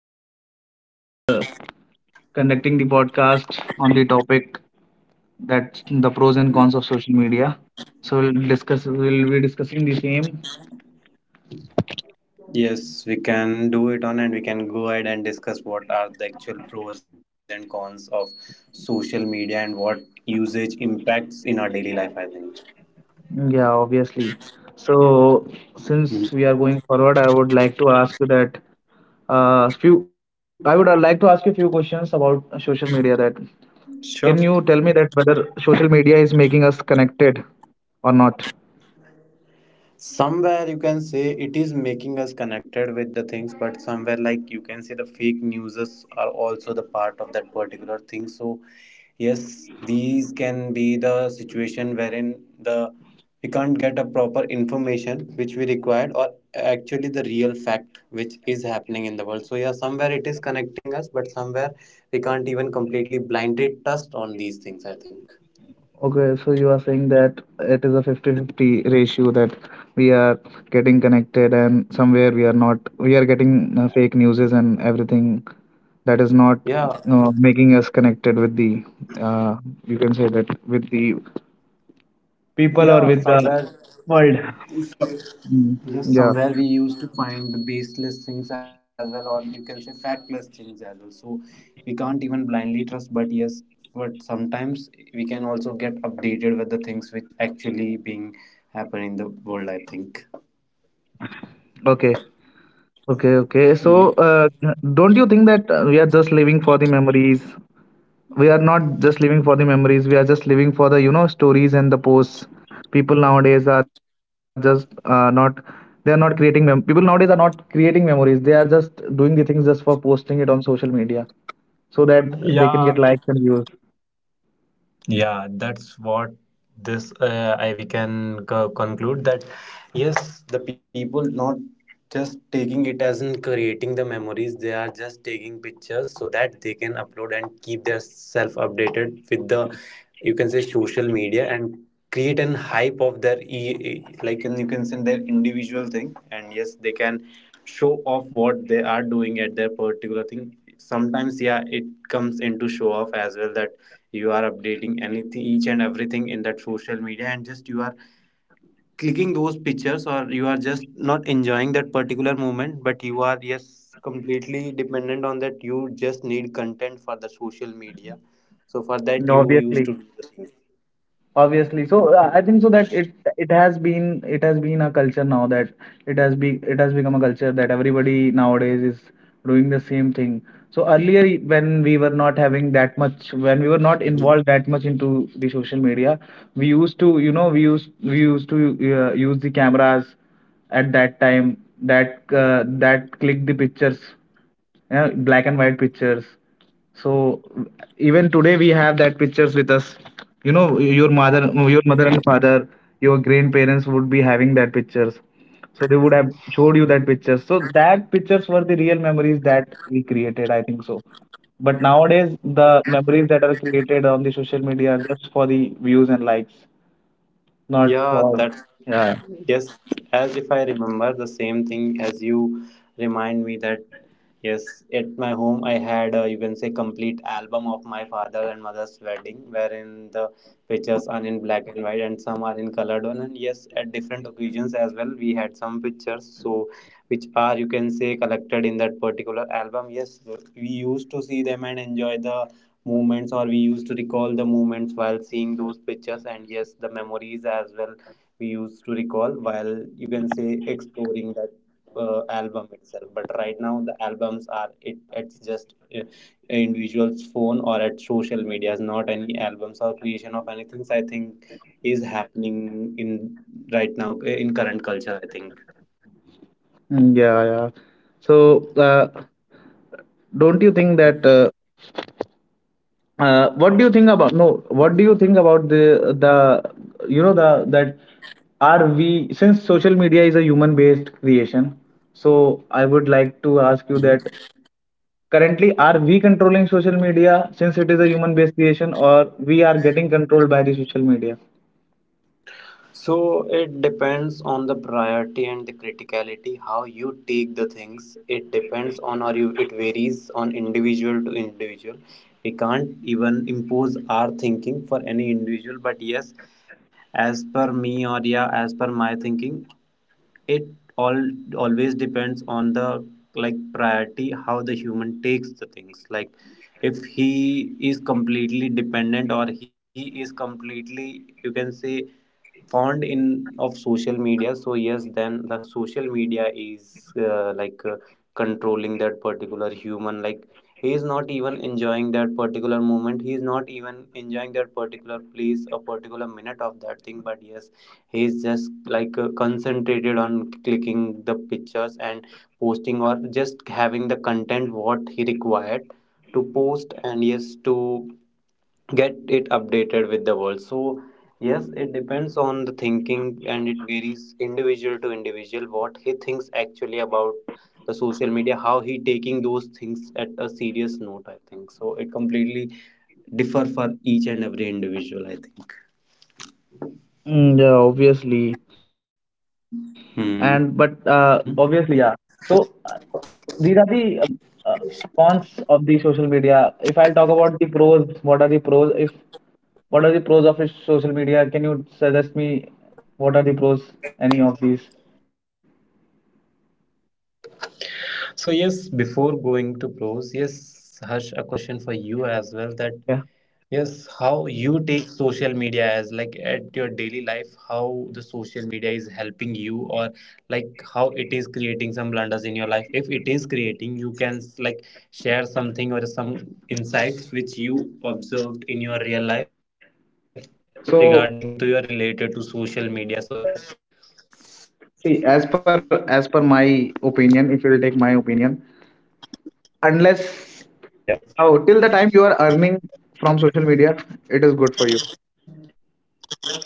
so today we are conducting the podcast on the topic that the pros and cons of social media. So we'll discuss. We'll be discussing the same. Yes, we can do it on and we can go ahead and discuss what are the actual pros and cons of social media and what usage impacts in our daily life, I think. Yeah, obviously. So since we Mhm. are going forward, I would like to ask you that few. I would like to ask you a few questions about social media. That can Sure. you tell me that whether social media is making us connected or not? Somewhere you can say it is making us connected with the things, but somewhere, like, you can say the fake newses are also the part of that particular thing. So yes, these can be the situation wherein the we can't get a proper information which we required, or actually the real fact which is happening in the world. So yeah, somewhere it is connecting us, but somewhere we can't even completely blindly trust on these things, I think. Okay, so you are saying that it is a fifty-fifty ratio that we are getting connected and somewhere we are not, we are getting fake newses and everything that is not Yeah. Making us connected with uh, you can say that with the people or Yeah, with the somewhere. world. Mm, Yes, yeah. somewhere we used to find the baseless things as well, or you can say factless things as well. So we can't even blindly trust, but yes, but sometimes we can also get updated with the things which actually being happen in the world, I think. Okay. Okay. So, Hmm. Don't you think that we are just living for the memories we are not just living for the memories we are just living for the you know stories and the posts. People nowadays are just not they are not creating people nowadays are not creating memories. They are just doing the things just for posting it on social media so that they can Yeah. get likes and views. Yeah, that's what this I we can conclude that yes, the people not just taking it as in creating the memories, they are just taking pictures so that they can upload and keep their self updated with the, you can say, social media and create an hype of their like, and you can say their individual thing. And yes, they can show off what they are doing at their particular thing. Sometimes yeah, it comes into show off as well, that you are updating anything, each and everything in that social media, and just you are clicking those pictures, or you are just not enjoying that particular moment, but you are yes completely dependent on that. You just need content for the social media, so for that you used obviously to do the things. obviously so I think so that it has been a culture now that it has become a culture that everybody nowadays is doing the same thing. So earlier when we were not Mhm. having that much when we were not involved that much into the social media, we used to you know we used to use the cameras at that time, that that click the pictures, yeah, black and white pictures. So even today we have that pictures with us. You know, your mother and father, your grandparents would be having that pictures. So they would have showed you that pictures. So that pictures were the real memories that we created, I think so. But nowadays the memories that are created on the social media are just for the views and likes, not Yeah, for, that yeah. yes. As if I remember the same thing, as you remind me that yes, at my home, I had, you can say, complete album of my father and mother's wedding, wherein the pictures are in black and white and some are in colored one. And yes, at different occasions as well, we had some pictures, so which are, you can say, collected in that particular album. Yes, we used to see them and enjoy the moments, or we used to recall the moments while seeing those pictures. And yes, the memories as well we used to recall while, you can say, exploring that album itself. But right now the albums are, it's just, individual's phone or at social medias, not any albums or creation of anything. So I think is happening in right now, in current culture, I think. Mm, yeah. So don't you think that? What do you think about no what do you think about the you know the that are we, since social media is a human based creation, so I would like to ask you Mhm. that currently, are we controlling social media, since it is a human based creation, or we are getting controlled by the social media? So it depends on the priority and the criticality, how you take the things. It depends on, or you, it varies on individual to individual. We can't even impose our thinking for any individual, but yes, as per me, or yeah, as per my thinking, it all always depends on the, like, priority, how the human takes the things. Like, if he is completely dependent, or he is completely, you can say, fond in of social media, so yes, then the social media is, uh, like uh, controlling that particular human. Like, he is not even enjoying that particular moment, he is not even enjoying that particular place, a particular minute of that thing, but yes, he is just like, concentrated on clicking the pictures and posting, or just having the content what he required to post, and yes, to get it updated with the world. So yes, it depends on the thinking, and it varies individual to individual, what he thinks actually about the social media, how he taking those things at a serious note, I think. So it completely differ for each and every individual, I think. Mm, yeah, obviously. And but Hmm. Obviously, yeah. So these are the uh, cons of the social media. If I'll talk about the pros, what are the pros if what are the pros of a social media? Can you suggest me what are the pros, any of these? So yes, before going to pros, yes Harsh, a question for you as well, that yes, how Yeah. you take social media as, like, at your daily life, how the social media is helping you, or like how it is creating some blunders in your life. If it is creating, you can like share something, or some insights which you observed in your real life regarding to your related to social media, So so that yep, see, as per my opinion, if you will take my opinion, yep. unless oh till the time you are earning from social media, it is good for you. Hmm.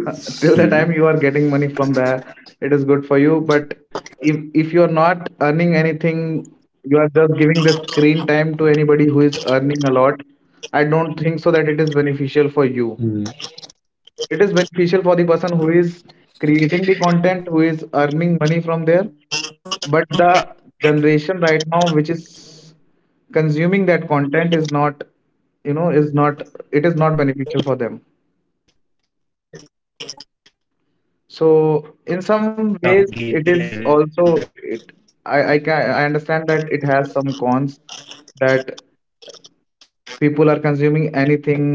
Till the time you are getting money from there, it is good for you. But if you are not earning anything, you are just giving the screen time to anybody who is earning a lot. I don't think Hmm. so that it is beneficial for you. It is beneficial for the person who is creating the content, who is earning money from there, but the generation right now which is consuming that content is not, you know, is not it is not beneficial for them. Yeah, completely agreed So that in some yes, ways, it is also it, I understand that it has some cons, that people are consuming anything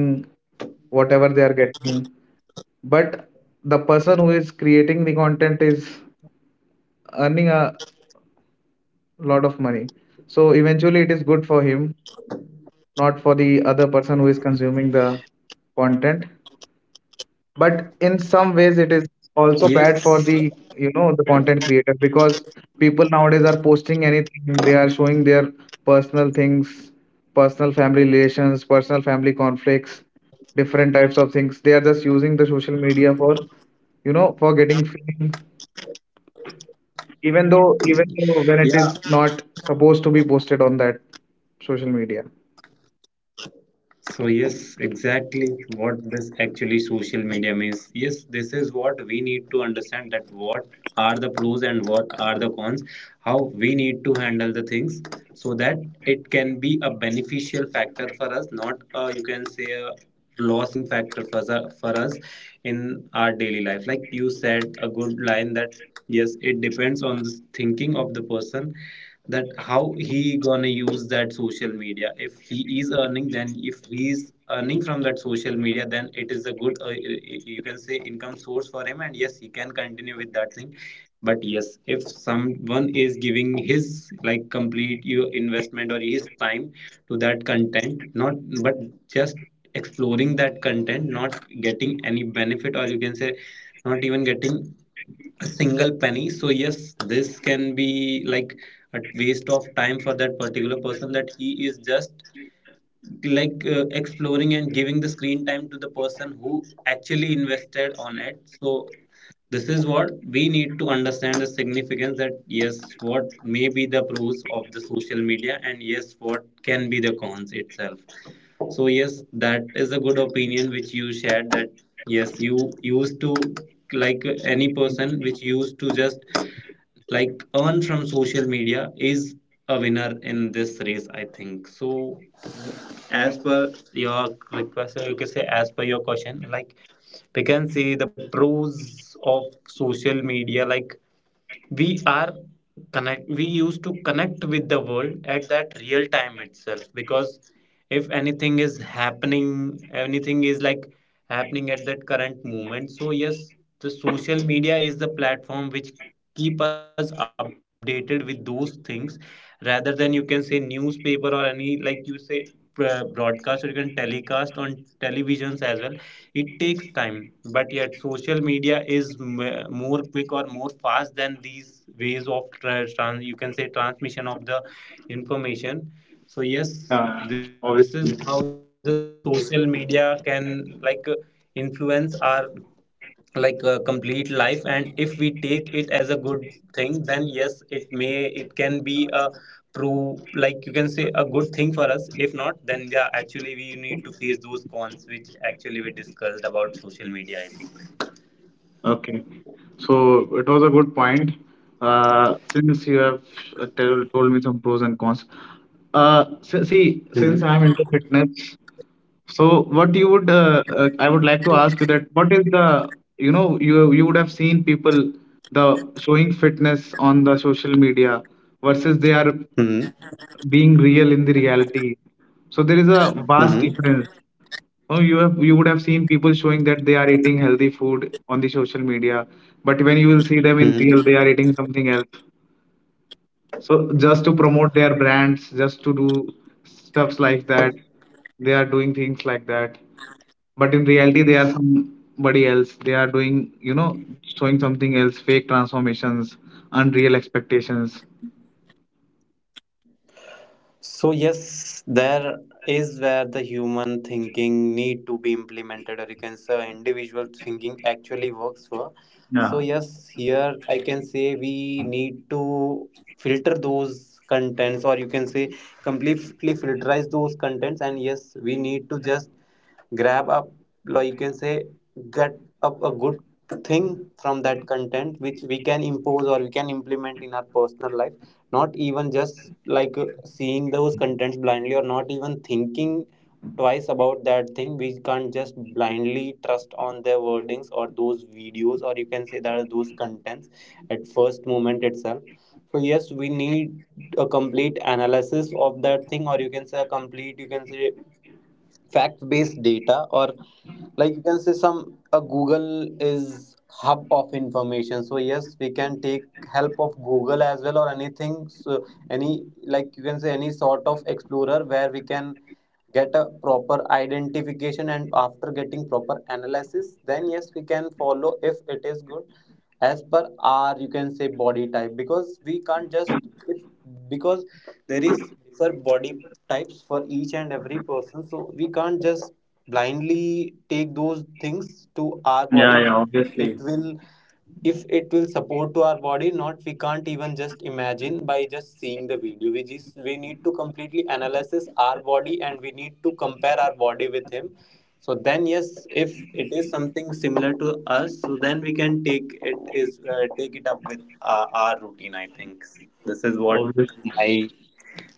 whatever they are getting, but the person who is creating the content is earning a lot of money. So eventually, it is good for him, not for the other person who is consuming the content. But in some ways, yes, it is also bad for the you know the content creator because people nowadays are posting anything. They are showing their personal things, personal family relations, personal family conflicts, different types of things. They are just using the social media for you know for getting fame, even though even yeah. though when it is not supposed to be posted on that social media. So yes, exactly what this actually social media means. Yes, this is what we need to understand, that what are the pros and what are the cons, how we need to handle the things, so that it can be a beneficial factor for us, not a, you can say, a losing factor for, for us in our daily life. Like you said, a good line, that yes, it depends on the thinking of the person, that how he gonna use that social media. If he is earning, then if he is earning from that social media, then it is a good, you can say, income source for him, and yes, he can continue with that thing. But yes, if someone is giving his, like, complete your investment or his time to that content, not, but just exploring that content, not getting any benefit, or you can say not even getting a single penny, so yes, this can be like a waste of time for that particular person, that he is just like, exploring and giving the screen time to the person who actually invested on it. So this is what we need to understand, the significance, that yes, what may be the pros of the social media, and yes, what can be the cons itself. So yes, that is a good opinion which you shared, that yes, you used to, like, any person which used to just, like, earn from social media, is a winner in this race, I think. So as per your request, or you can say as per your question, like, we can see the pros of social media. Like, we are connect we used to connect with the world at that real time itself, because if anything is happening, anything is like happening at that current moment, so yes, the social media is the platform which keep us updated with those things, rather than, you can say, newspaper, or any like you say, broadcast, or you can telecast on televisions as well. It takes time, but yet social media is more quick or more fast than these ways of trans you can say transmission of the information. So yes, Yeah, this is how obviously. the social media can, like uh, influence our, complete life, and if we take it as a good thing, then yes, it may, it can be a prove, like you can say, a good thing for us. If not, then yeah, actually we need to face those cons which actually we discussed about social media, I think. Okay. So it was a good point. Since you have told me some pros and cons. See, since Hmm. I'm into fitness, so what you would I would like to ask you that what is the you know you would have seen people the showing fitness on the social media versus they are Mm-hmm. being real in the reality. So there is a vast Mm-hmm. difference. Oh, you have you would have seen people showing that they are eating healthy food on the social media, but when you will see them in real, they are eating something else. So just to promote their brands, just to do stuffs like that, they are doing things like that. But in reality, they are somebody else. They are doing, you know, showing something else, fake transformations, unreal expectations. So yes, there is where the human thinking need to be implemented, or you can say individual thinking actually works for. So Yeah, yes, here I can say we need to filter those contents, or you can say completely filterize those contents, and yes, we need to just grab up, like you can say, get up a good thing from that content which we can impose or we can implement in our personal life, not even just like, seeing those contents blindly, or not even thinking twice about that thing. We can't just blindly trust on their wordings, or those videos, or you can say that are those contents at first moment itself. So yes, we need a complete analysis of that thing, or you can say a complete, you can say, fact based data, or like you can say some, a google is hub of information. So yes, we can take help of google as well, or anything, so any like you can say any sort of explorer, where we can get a proper identification, and after getting proper analysis, then yes, we can follow if it is good as per our, you can say, body type. Because we can't just if, because there is for body types for each and every person, so we can't just blindly take those things to our body. It will, if it will support to our body, not, we can't even just imagine by just seeing the video. We just, we need to completely analysis our body, and we need to compare our body with him. So then yes, if it is something similar to us, so then we can take it is, take it up with, our routine, I think. This is what obviously. my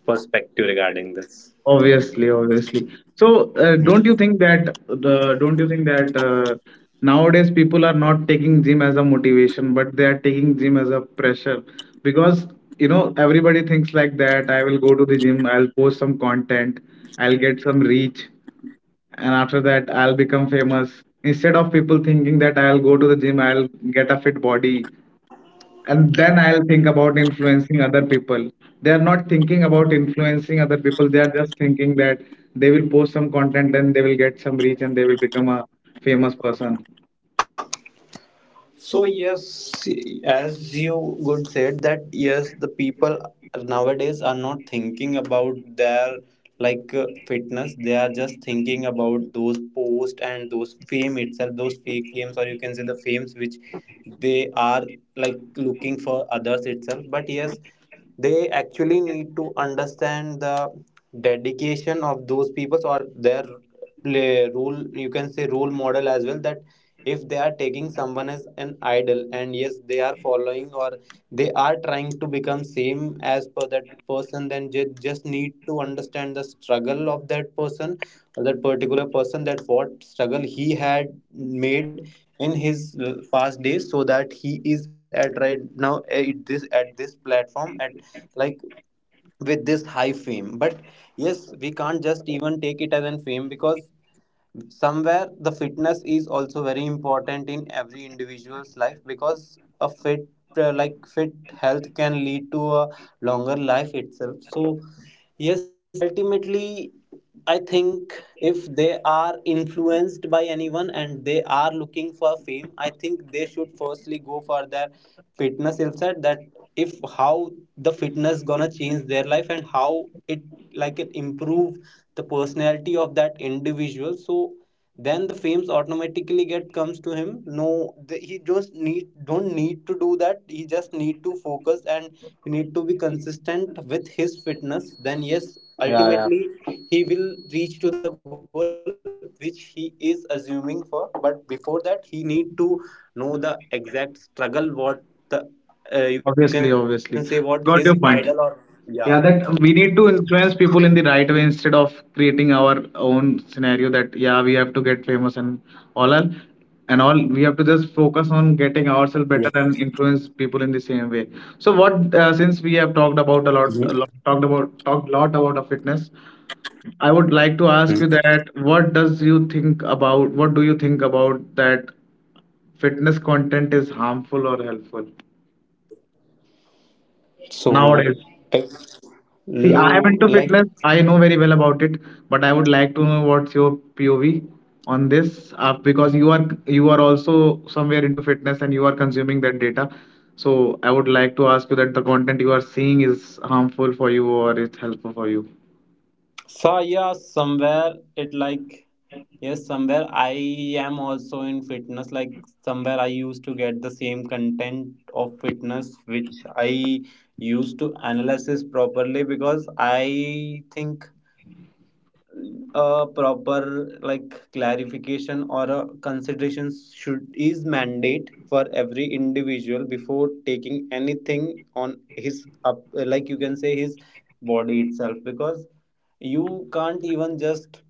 perspective regarding this. Obviously. So, don't you think that the don't you think that nowadays people are not taking gym as a motivation, but they are taking gym as a pressure because you know everybody thinks like that. I will go to the gym, I'll post some content, I'll get some reach, and after that I'll become famous. Instead of people thinking that I'll go to the gym, I'll get a fit body, and then I'll think about influencing other people. They are not thinking about influencing other people They are just thinking that they will post some content and they will get some reach and they will become a famous person. So yes, as you good said, that yes, the people nowadays are not thinking about their, fitness. They are just thinking about those posts and those fame itself, those fake fames, or you can say the fames which they are like looking for others itself. But yes, they actually need to understand the dedication of those people or their play role, you can say role model as well, that if they are taking someone as an idol and yes they are following, or they are trying to become same as per that person, then just need to understand the struggle of that person, or that particular person, that what struggle he had made in his past days, so that he is at right now at this platform at, like, with this high fame. But yes, we can't just even take it as an fame because somewhere the fitness is also very important in every individual's life, because a fit health can lead to a longer life itself. So yes, ultimately I think if they are influenced by anyone and they are looking for fame, I think they should firstly go for their fitness insight, that if how the fitness gonna change their life and how it improve the personality of that individual. So then the fames automatically get comes to him. No, he just need don't need to do that, he just need to focus and he need to be consistent with his fitness. Then yes, Yeah, yeah. ultimately he will reach to the goal which he is assuming for. But before that he need to know the exact struggle what the you can say what his obviously idol obviously or got yeah. your point, yeah, that we need to influence people in the right way instead of creating our own scenario, that yeah we have to get famous and all are, and all we have to just focus on getting Yes. ourselves better and influence people in the same way. So what since we have talked about a Mhm. lot, talked lot about a fitness, I would like to Mhm. ask you that what do you think about that fitness content is harmful or helpful So, nowadays. uh, See, I am low into like fitness. I know very well about it, but I would like to know what's your POV on this, because you are also somewhere into fitness and you are consuming that data. So I would like to ask you that the content you are seeing is harmful for you or it's helpful for you. so yeah, somewhere it like yes, somewhere I am also in fitness, like somewhere I used to get the same content of fitness which I used to analyze properly because I think a proper, like, clarification or a consideration should is mandate for every individual before taking anything on his up, like you can say his body itself, because you can't even just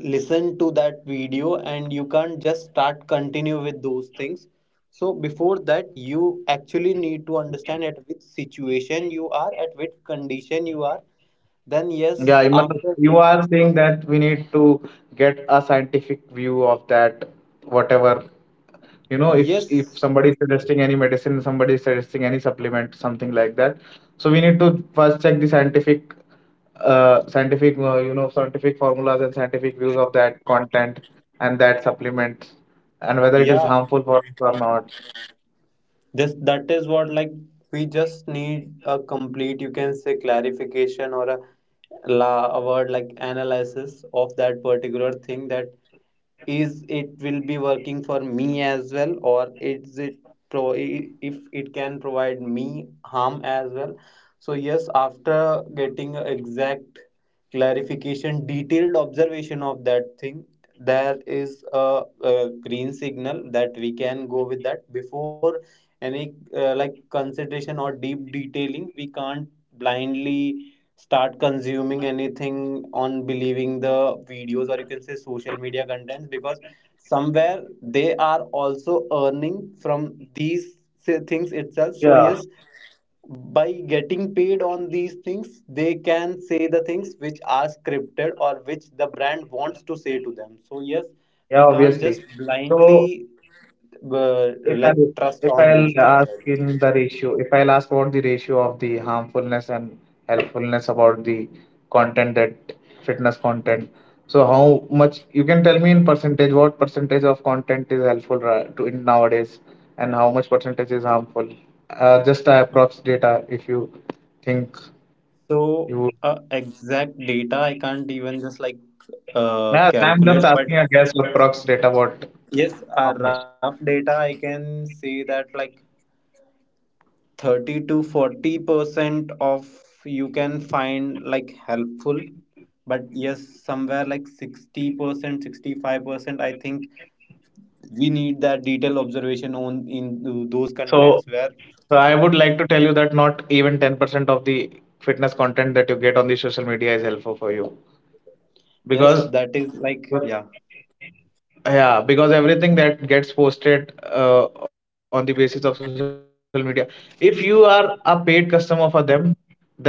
listen to that video and you can't just start continue with those things. So before that you actually need to understand at which situation you are, at which condition you are. Then yes, Yeah, I mean, after you are saying that we need to get a scientific view of that, whatever you know if yes. somebody is suggesting any medicine, somebody is suggesting any supplement, something like that. So we need to first check the scientific scientific formulas and scientific views of that content and that supplement and whether it is Ja. harmful for us or not. This that is what, like, we just need a complete, you can say, clarification, or a la a word like analysis of that particular thing, that is it will be working for me as well, or is it if it can provide me harm as well. So yes, after getting a exact clarification, detailed observation of that thing, there is a green signal that we can go with that. Before any like consideration or deep detailing, we can't blindly start consuming anything on believing the videos, or you can say social media contents, because somewhere they are also earning from these things itself. So Yeah, yes, by getting paid on these things they can say the things which are scripted or which the brand wants to say to them. So yes, yeah, we can't just obviously. So blindly if like I'll, trust if on those I'll things. ask in the ratio, if I'll ask about the ratio of the harmfulness and helpfulness about the content, that fitness content, so how much you can tell me in percentage, what percentage of content is helpful ra- to in nowadays and how much percentage is harmful? Just approx data if you think So you. Exact data I can't even just, like, Yeah, I'm just calculate, asking but a guess approx data what yes, how a much. rough data I can say, that like 30 to 40% of you can find, like, helpful, but yes, somewhere like 60%, 65%, I think we need that detailed observation on in those So contents where so I would like to tell you that not even 10% of the fitness content that you get on the social media is helpful for you, because yes, that is like, yeah. yeah, because everything that gets posted on the basis of social media, if you are a paid customer for them, then you can get a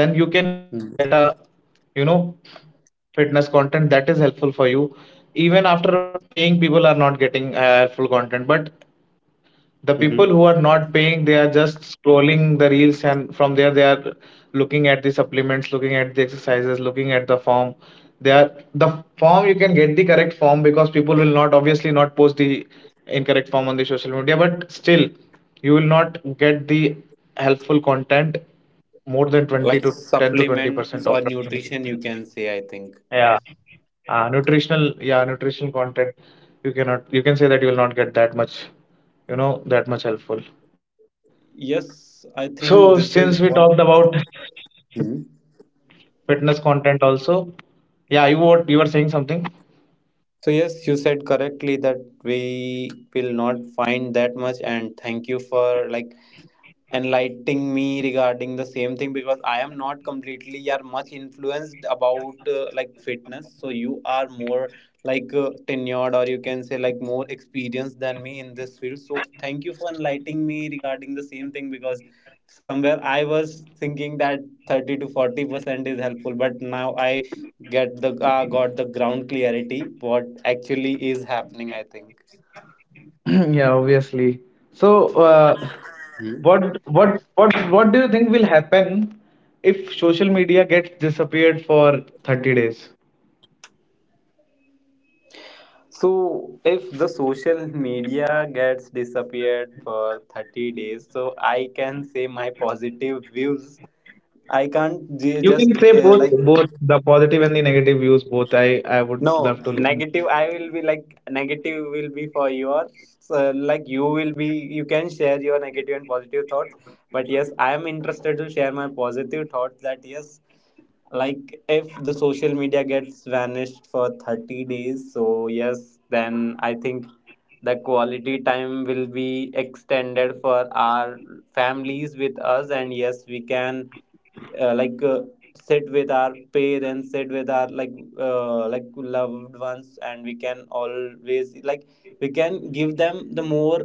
you know Mm-hmm. fitness content that is helpful for you. Even after paying, people are not getting helpful content, but the people who are not paying, they are Mm-hmm. just scrolling the reels and from there they are looking at the supplements, looking at the exercises, looking at the form. They are the form, you can get the correct form because people will not obviously not post the incorrect form on the social media, but still you will not get the helpful content more than 20 to 10 to Like 20% supplements approximately. or nutrition, you can say, I Yeah, think. Nutritional yeah, nutritional content, you cannot, you can say that you will not get that much, you know, that much helpful. So Yes, since we I talked think about this is what. Hmm. fitness content also, yeah, you were saying something. So yes, you said correctly that we will not find that much, and thank you for, like, enlightening me regarding the same thing because I am not completely are much influenced about like fitness. So you are more like tenured, or you can say, like, more experienced than me in this field. So thank you for enlightening me regarding the same thing because somewhere I was thinking that 30 to 40% is helpful, but now I get the got the ground clarity what actually is happening, I think. Yeah, obviously. So, Hmm. What do you think will happen if social media gets disappeared for 30 days? So if the social media gets disappeared for 30 days, so I can say my positive views. I can't ju- You just can say uh, both, like both the positive and the negative views both. I would no love to listen. negative. I will be like negative will be for yours. So, like, you will be you can share your negative and positive thoughts. But yes, I am interested to share my positive thoughts, that yes, like, if the social media gets vanished for 30 days, so yes, then I think the quality time will be extended for our families with us, and yes we can uh, like uh, sit with our parents, sit with our, like, like loved ones, and we can always, like, we can give them the more,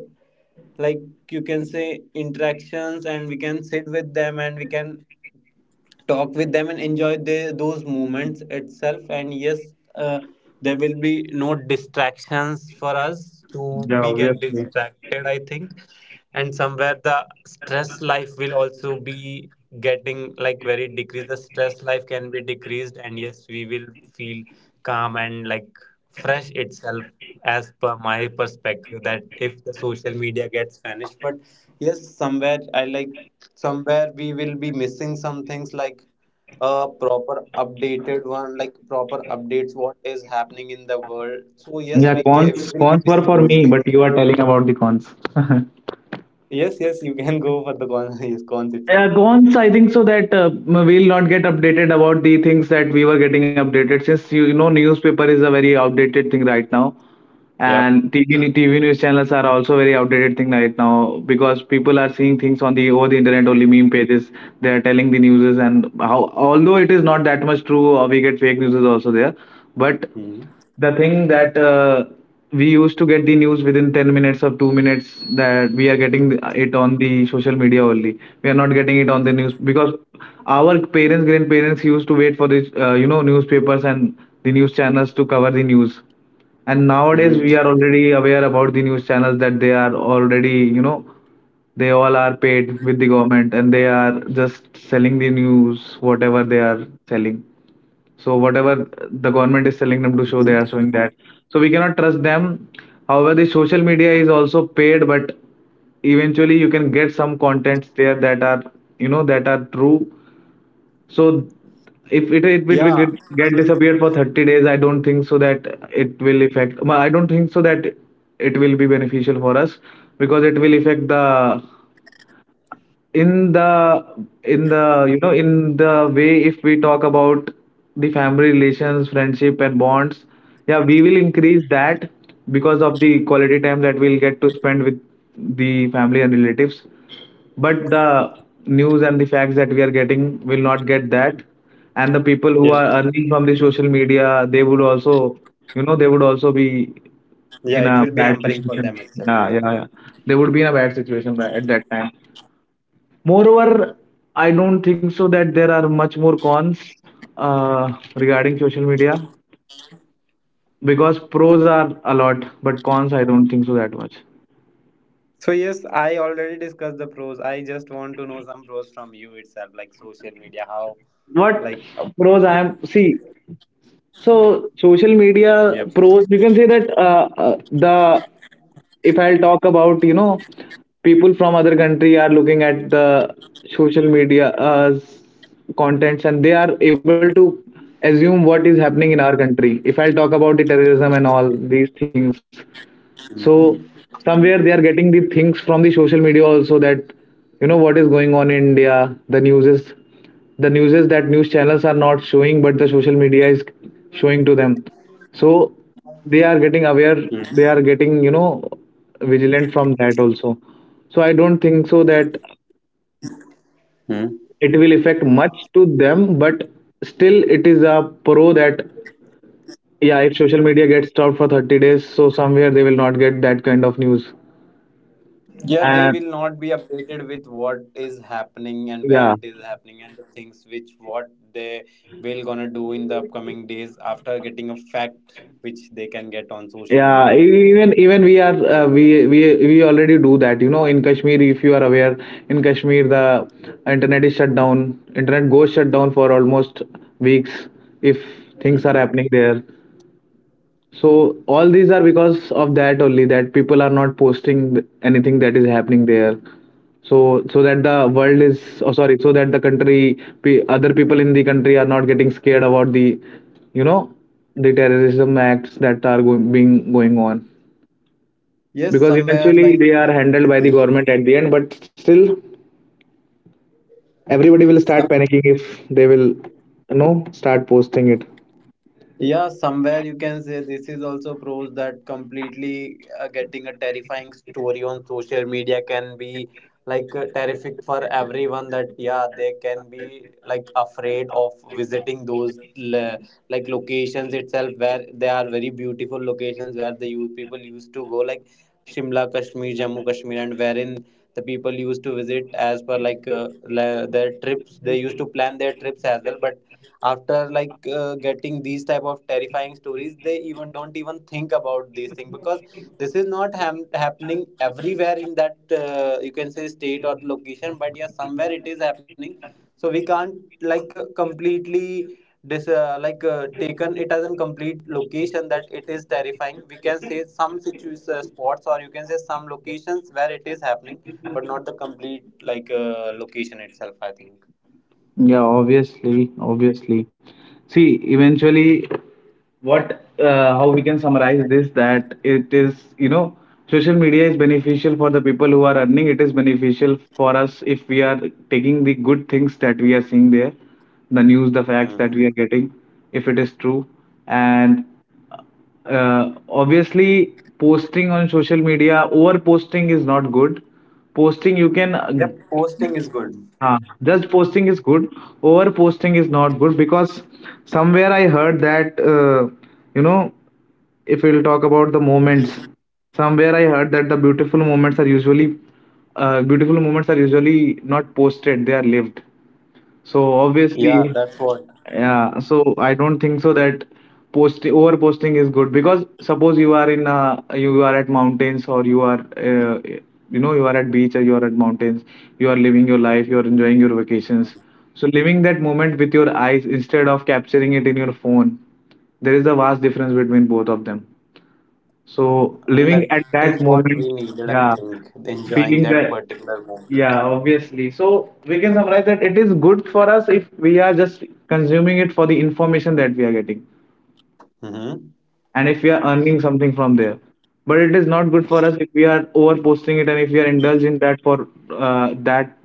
like, you can say interactions, and we can sit with them, and we can talk with them, and enjoy those moments itself. And yes, uh, there will be no distractions for us to Yeah, be get obviously. distracted, I think. And somewhere the stress life will also be getting, like, very decreased, the stress life can be decreased, and yes we will feel calm and, like, fresh itself, as per my perspective, that if the social media gets vanished. But yes, somewhere I, like, somewhere we will be missing some things, like a proper updated one, like proper updates, what is happening in the world. So yes, Yeah, we can cons we will be cons were missing for those me, things. but you are telling about the cons. Yes, yes, you can go for the con yes, cons itself. Yeah, Gons, I think so that we'll not get updated about the things that we were getting updated since you know newspaper is a very outdated thing right now, Yep. and TV news channels are also very outdated thing right now because people are seeing things on the over the internet only meme pages. They are telling the newses and how although it is not that much true, or we get fake newses also there, but Hmm. the thing that we used to get the news within 10 minutes or 2 minutes, that we are getting it on the social media only, we are not getting it on the news. Because our parents, grandparents used to wait for this you know newspapers and the news channels to cover the news, and nowadays Hmm. we are already aware about the news channels that they are already, you know, they all are paid with the government and they are just selling the news whatever they are selling. So whatever the government is telling them to show, they are Hmm. showing that. So we cannot trust them. However, the social media is also paid, but eventually you can get some contents there that are, you know, that are true. So if it will Yeah. get disappeared for 30 days, I don't think so that it will affect. I don't think so that it will be beneficial for us, because it will affect the, in the, in the you know, in the way, if we talk about the family relations, friendship and bonds. Yeah, we will increase that because of the quality time that we'll get to spend with the family and relatives, but the news and the facts that we are getting, will not get that. And the people who Yes. are earning from the social media, they would also, you know, they would also be Yeah, in it will a be bad hampering for them situation. itself. Yeah, yeah. They would be in a bad situation at that time. Moreover, I don't think so that there are much more cons regarding social media, because pros are a lot, but cons I don't think so that much. So yes, I already discussed the pros, I just want to know some pros from you itself, like social media how, What like. pros I am see. So social Yep. media pros, you can say that the, if I'll talk about, you know, people from other country are looking at the social media contents and they are able to assume what is happening in our country. If I'll talk about the terrorism and all these things, so somewhere they are getting the things from the social media also, that you know what is going on in india. The news is, the news is that news channels are not showing, but the social media is showing to them. So they are getting aware, they are getting you know vigilant from that also. So I don't think so that Mhm. it will affect much to them, but still it is a pro that yeah, if social media gets stopped for 30 days, so somewhere they will not get that kind of news. Yeah, they will not And be updated with what is happening and where it is yeah, happening, and the things which what they will gonna do in the upcoming days after getting a fact which they can get on social media, I think. Even we are we already do that. You know, in Kashmir, if you are aware, in Kashmir the internet is shut down. Internet goes shut down for almost weeks if things are Mhm. happening there. So all these are because of that only, that people are not posting anything that is happening there. So so that the world is, oh sorry, so that the country other people in the country are not getting scared about the, you know, the terrorism acts that are going, being going on. Yes, Because somewhere, eventually like. they are handled by the Yes. government at the end, but still everybody will start panicking if they will, you know, start posting it. Yeah, somewhere you can say this is also proves that completely getting a terrifying story on social media can be, like, terrific for everyone. That, yeah, they can be, like, afraid of visiting those like locations itself, where they are very beautiful locations where the youth people used to go, like Shimla, Kashmir, Jammu, Kashmir, and wherein the people used to visit as per, like, their trips. They used to plan their trips as well, but after, like, getting these type of terrifying stories they even don't even think about these things because this is not happening everywhere in that, you can say, state or location, but yeah, somewhere it is happening. So we can't, like, completely taken it as a complete location that it is terrifying. We can say some spots, or you can say some locations where it is happening, but not the complete, like, location itself, I think. Yeah, obviously, obviously. See, eventually, what how we can summarize this, that it is, you know, social media is beneficial for the people who are earning. It is beneficial for us if we are taking the good things that we are seeing there, the news, the Hmm. facts that we are getting, if it is true. And obviously posting on social media, over posting is not good. Posting you can Yep, posting is good. Just posting is good. Over posting is not good, because somewhere I heard that, you know, if we'll talk about the moments, somewhere I heard that the beautiful moments are usually not posted, they are lived. So Yeah, that's obviously, what. yeah, so I don't think so that post over posting is good, because suppose you are in a, you are at mountains, or you are you know, you are at beach, or you are at mountains, you are living your life, you are enjoying your vacations. So living that moment with your eyes instead of capturing it in your phone, there is a vast difference between both of them. So And that living at is that what we moment, needed, I yeah, think, enjoying that feeling that, particular moment. yeah, obviously. So we can summarize that it is good for us if we are just consuming it for the information that we are getting, Mm-hmm. and if we are earning something from there. But it is not good for us if we are over posting it, and if we are indulging that for that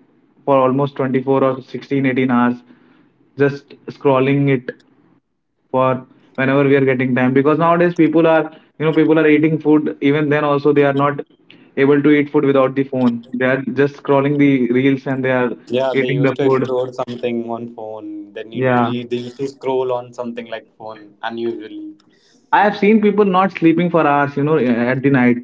for almost 24 or 16 18 hours, just scrolling it for whenever we are getting time. Because nowadays people are, you know, people are eating food, even then also they are not able to eat food without the phone. They are just scrolling the reels and they are Yeah, they eating used the to food. explore something on phone. Yeah, They used to scroll on something like phone unusually, I have seen people not sleeping for hours, you know, at the night.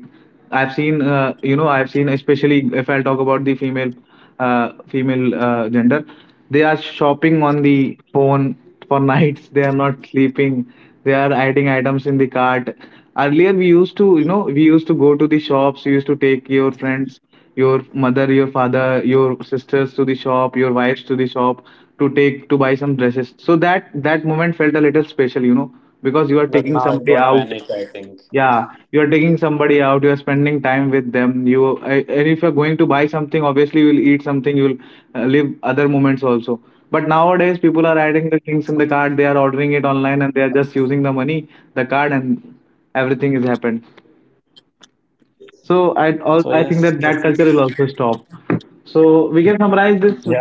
I've seen, you know, I've seen, especially if I'll talk about the female, gender, they are shopping on the phone for nights. They are not sleeping. They are adding items in the cart. Earlier, we used to, you know, we used to go to the shops. We used to take your friends, your mother, your father, your sisters to the shop, your wives to the shop to take to buy some dresses. So that moment felt a little special, you know, because you are taking but somebody now it out. got vanished, I think. Yeah, you are taking somebody out. You are spending time with them. And if you are going to buy something, obviously you will eat something. You will live other moments also. But nowadays, people are adding the things in the card. They are ordering it online and they are just using the money, the card, and everything is happened. So So yes, I this think that that is, culture will also stop. So we can summarize this. yeah.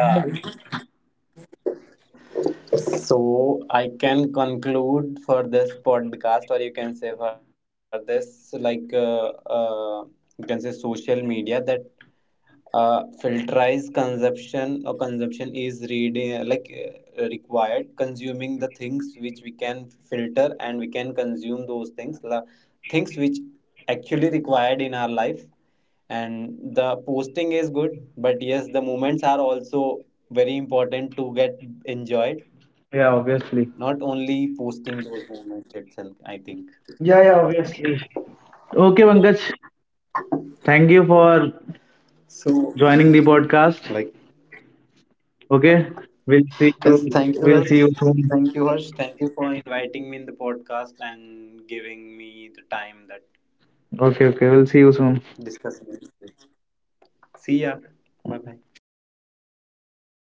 So I can conclude for this podcast, or you can say for this, like, you can say social media, that filterize consumption, or consumption is reading, like, required consuming the things which we can filter and we can consume those things which actually required in our life. And the posting is good, but yes, the moments are also very important to get enjoyed, Yeah, not obviously. only posting those moments itself, I think. Yeah, yeah, obviously. Okay, Pankaj, thank you for So, joining the like, podcast. Okay, we'll yes. see thank you. you harsh We'll see you soon. thank you harsh Thank you for inviting me in the podcast and giving me the time that Okay, okay, we'll see you soon. discussing this. See ya. Bye bye.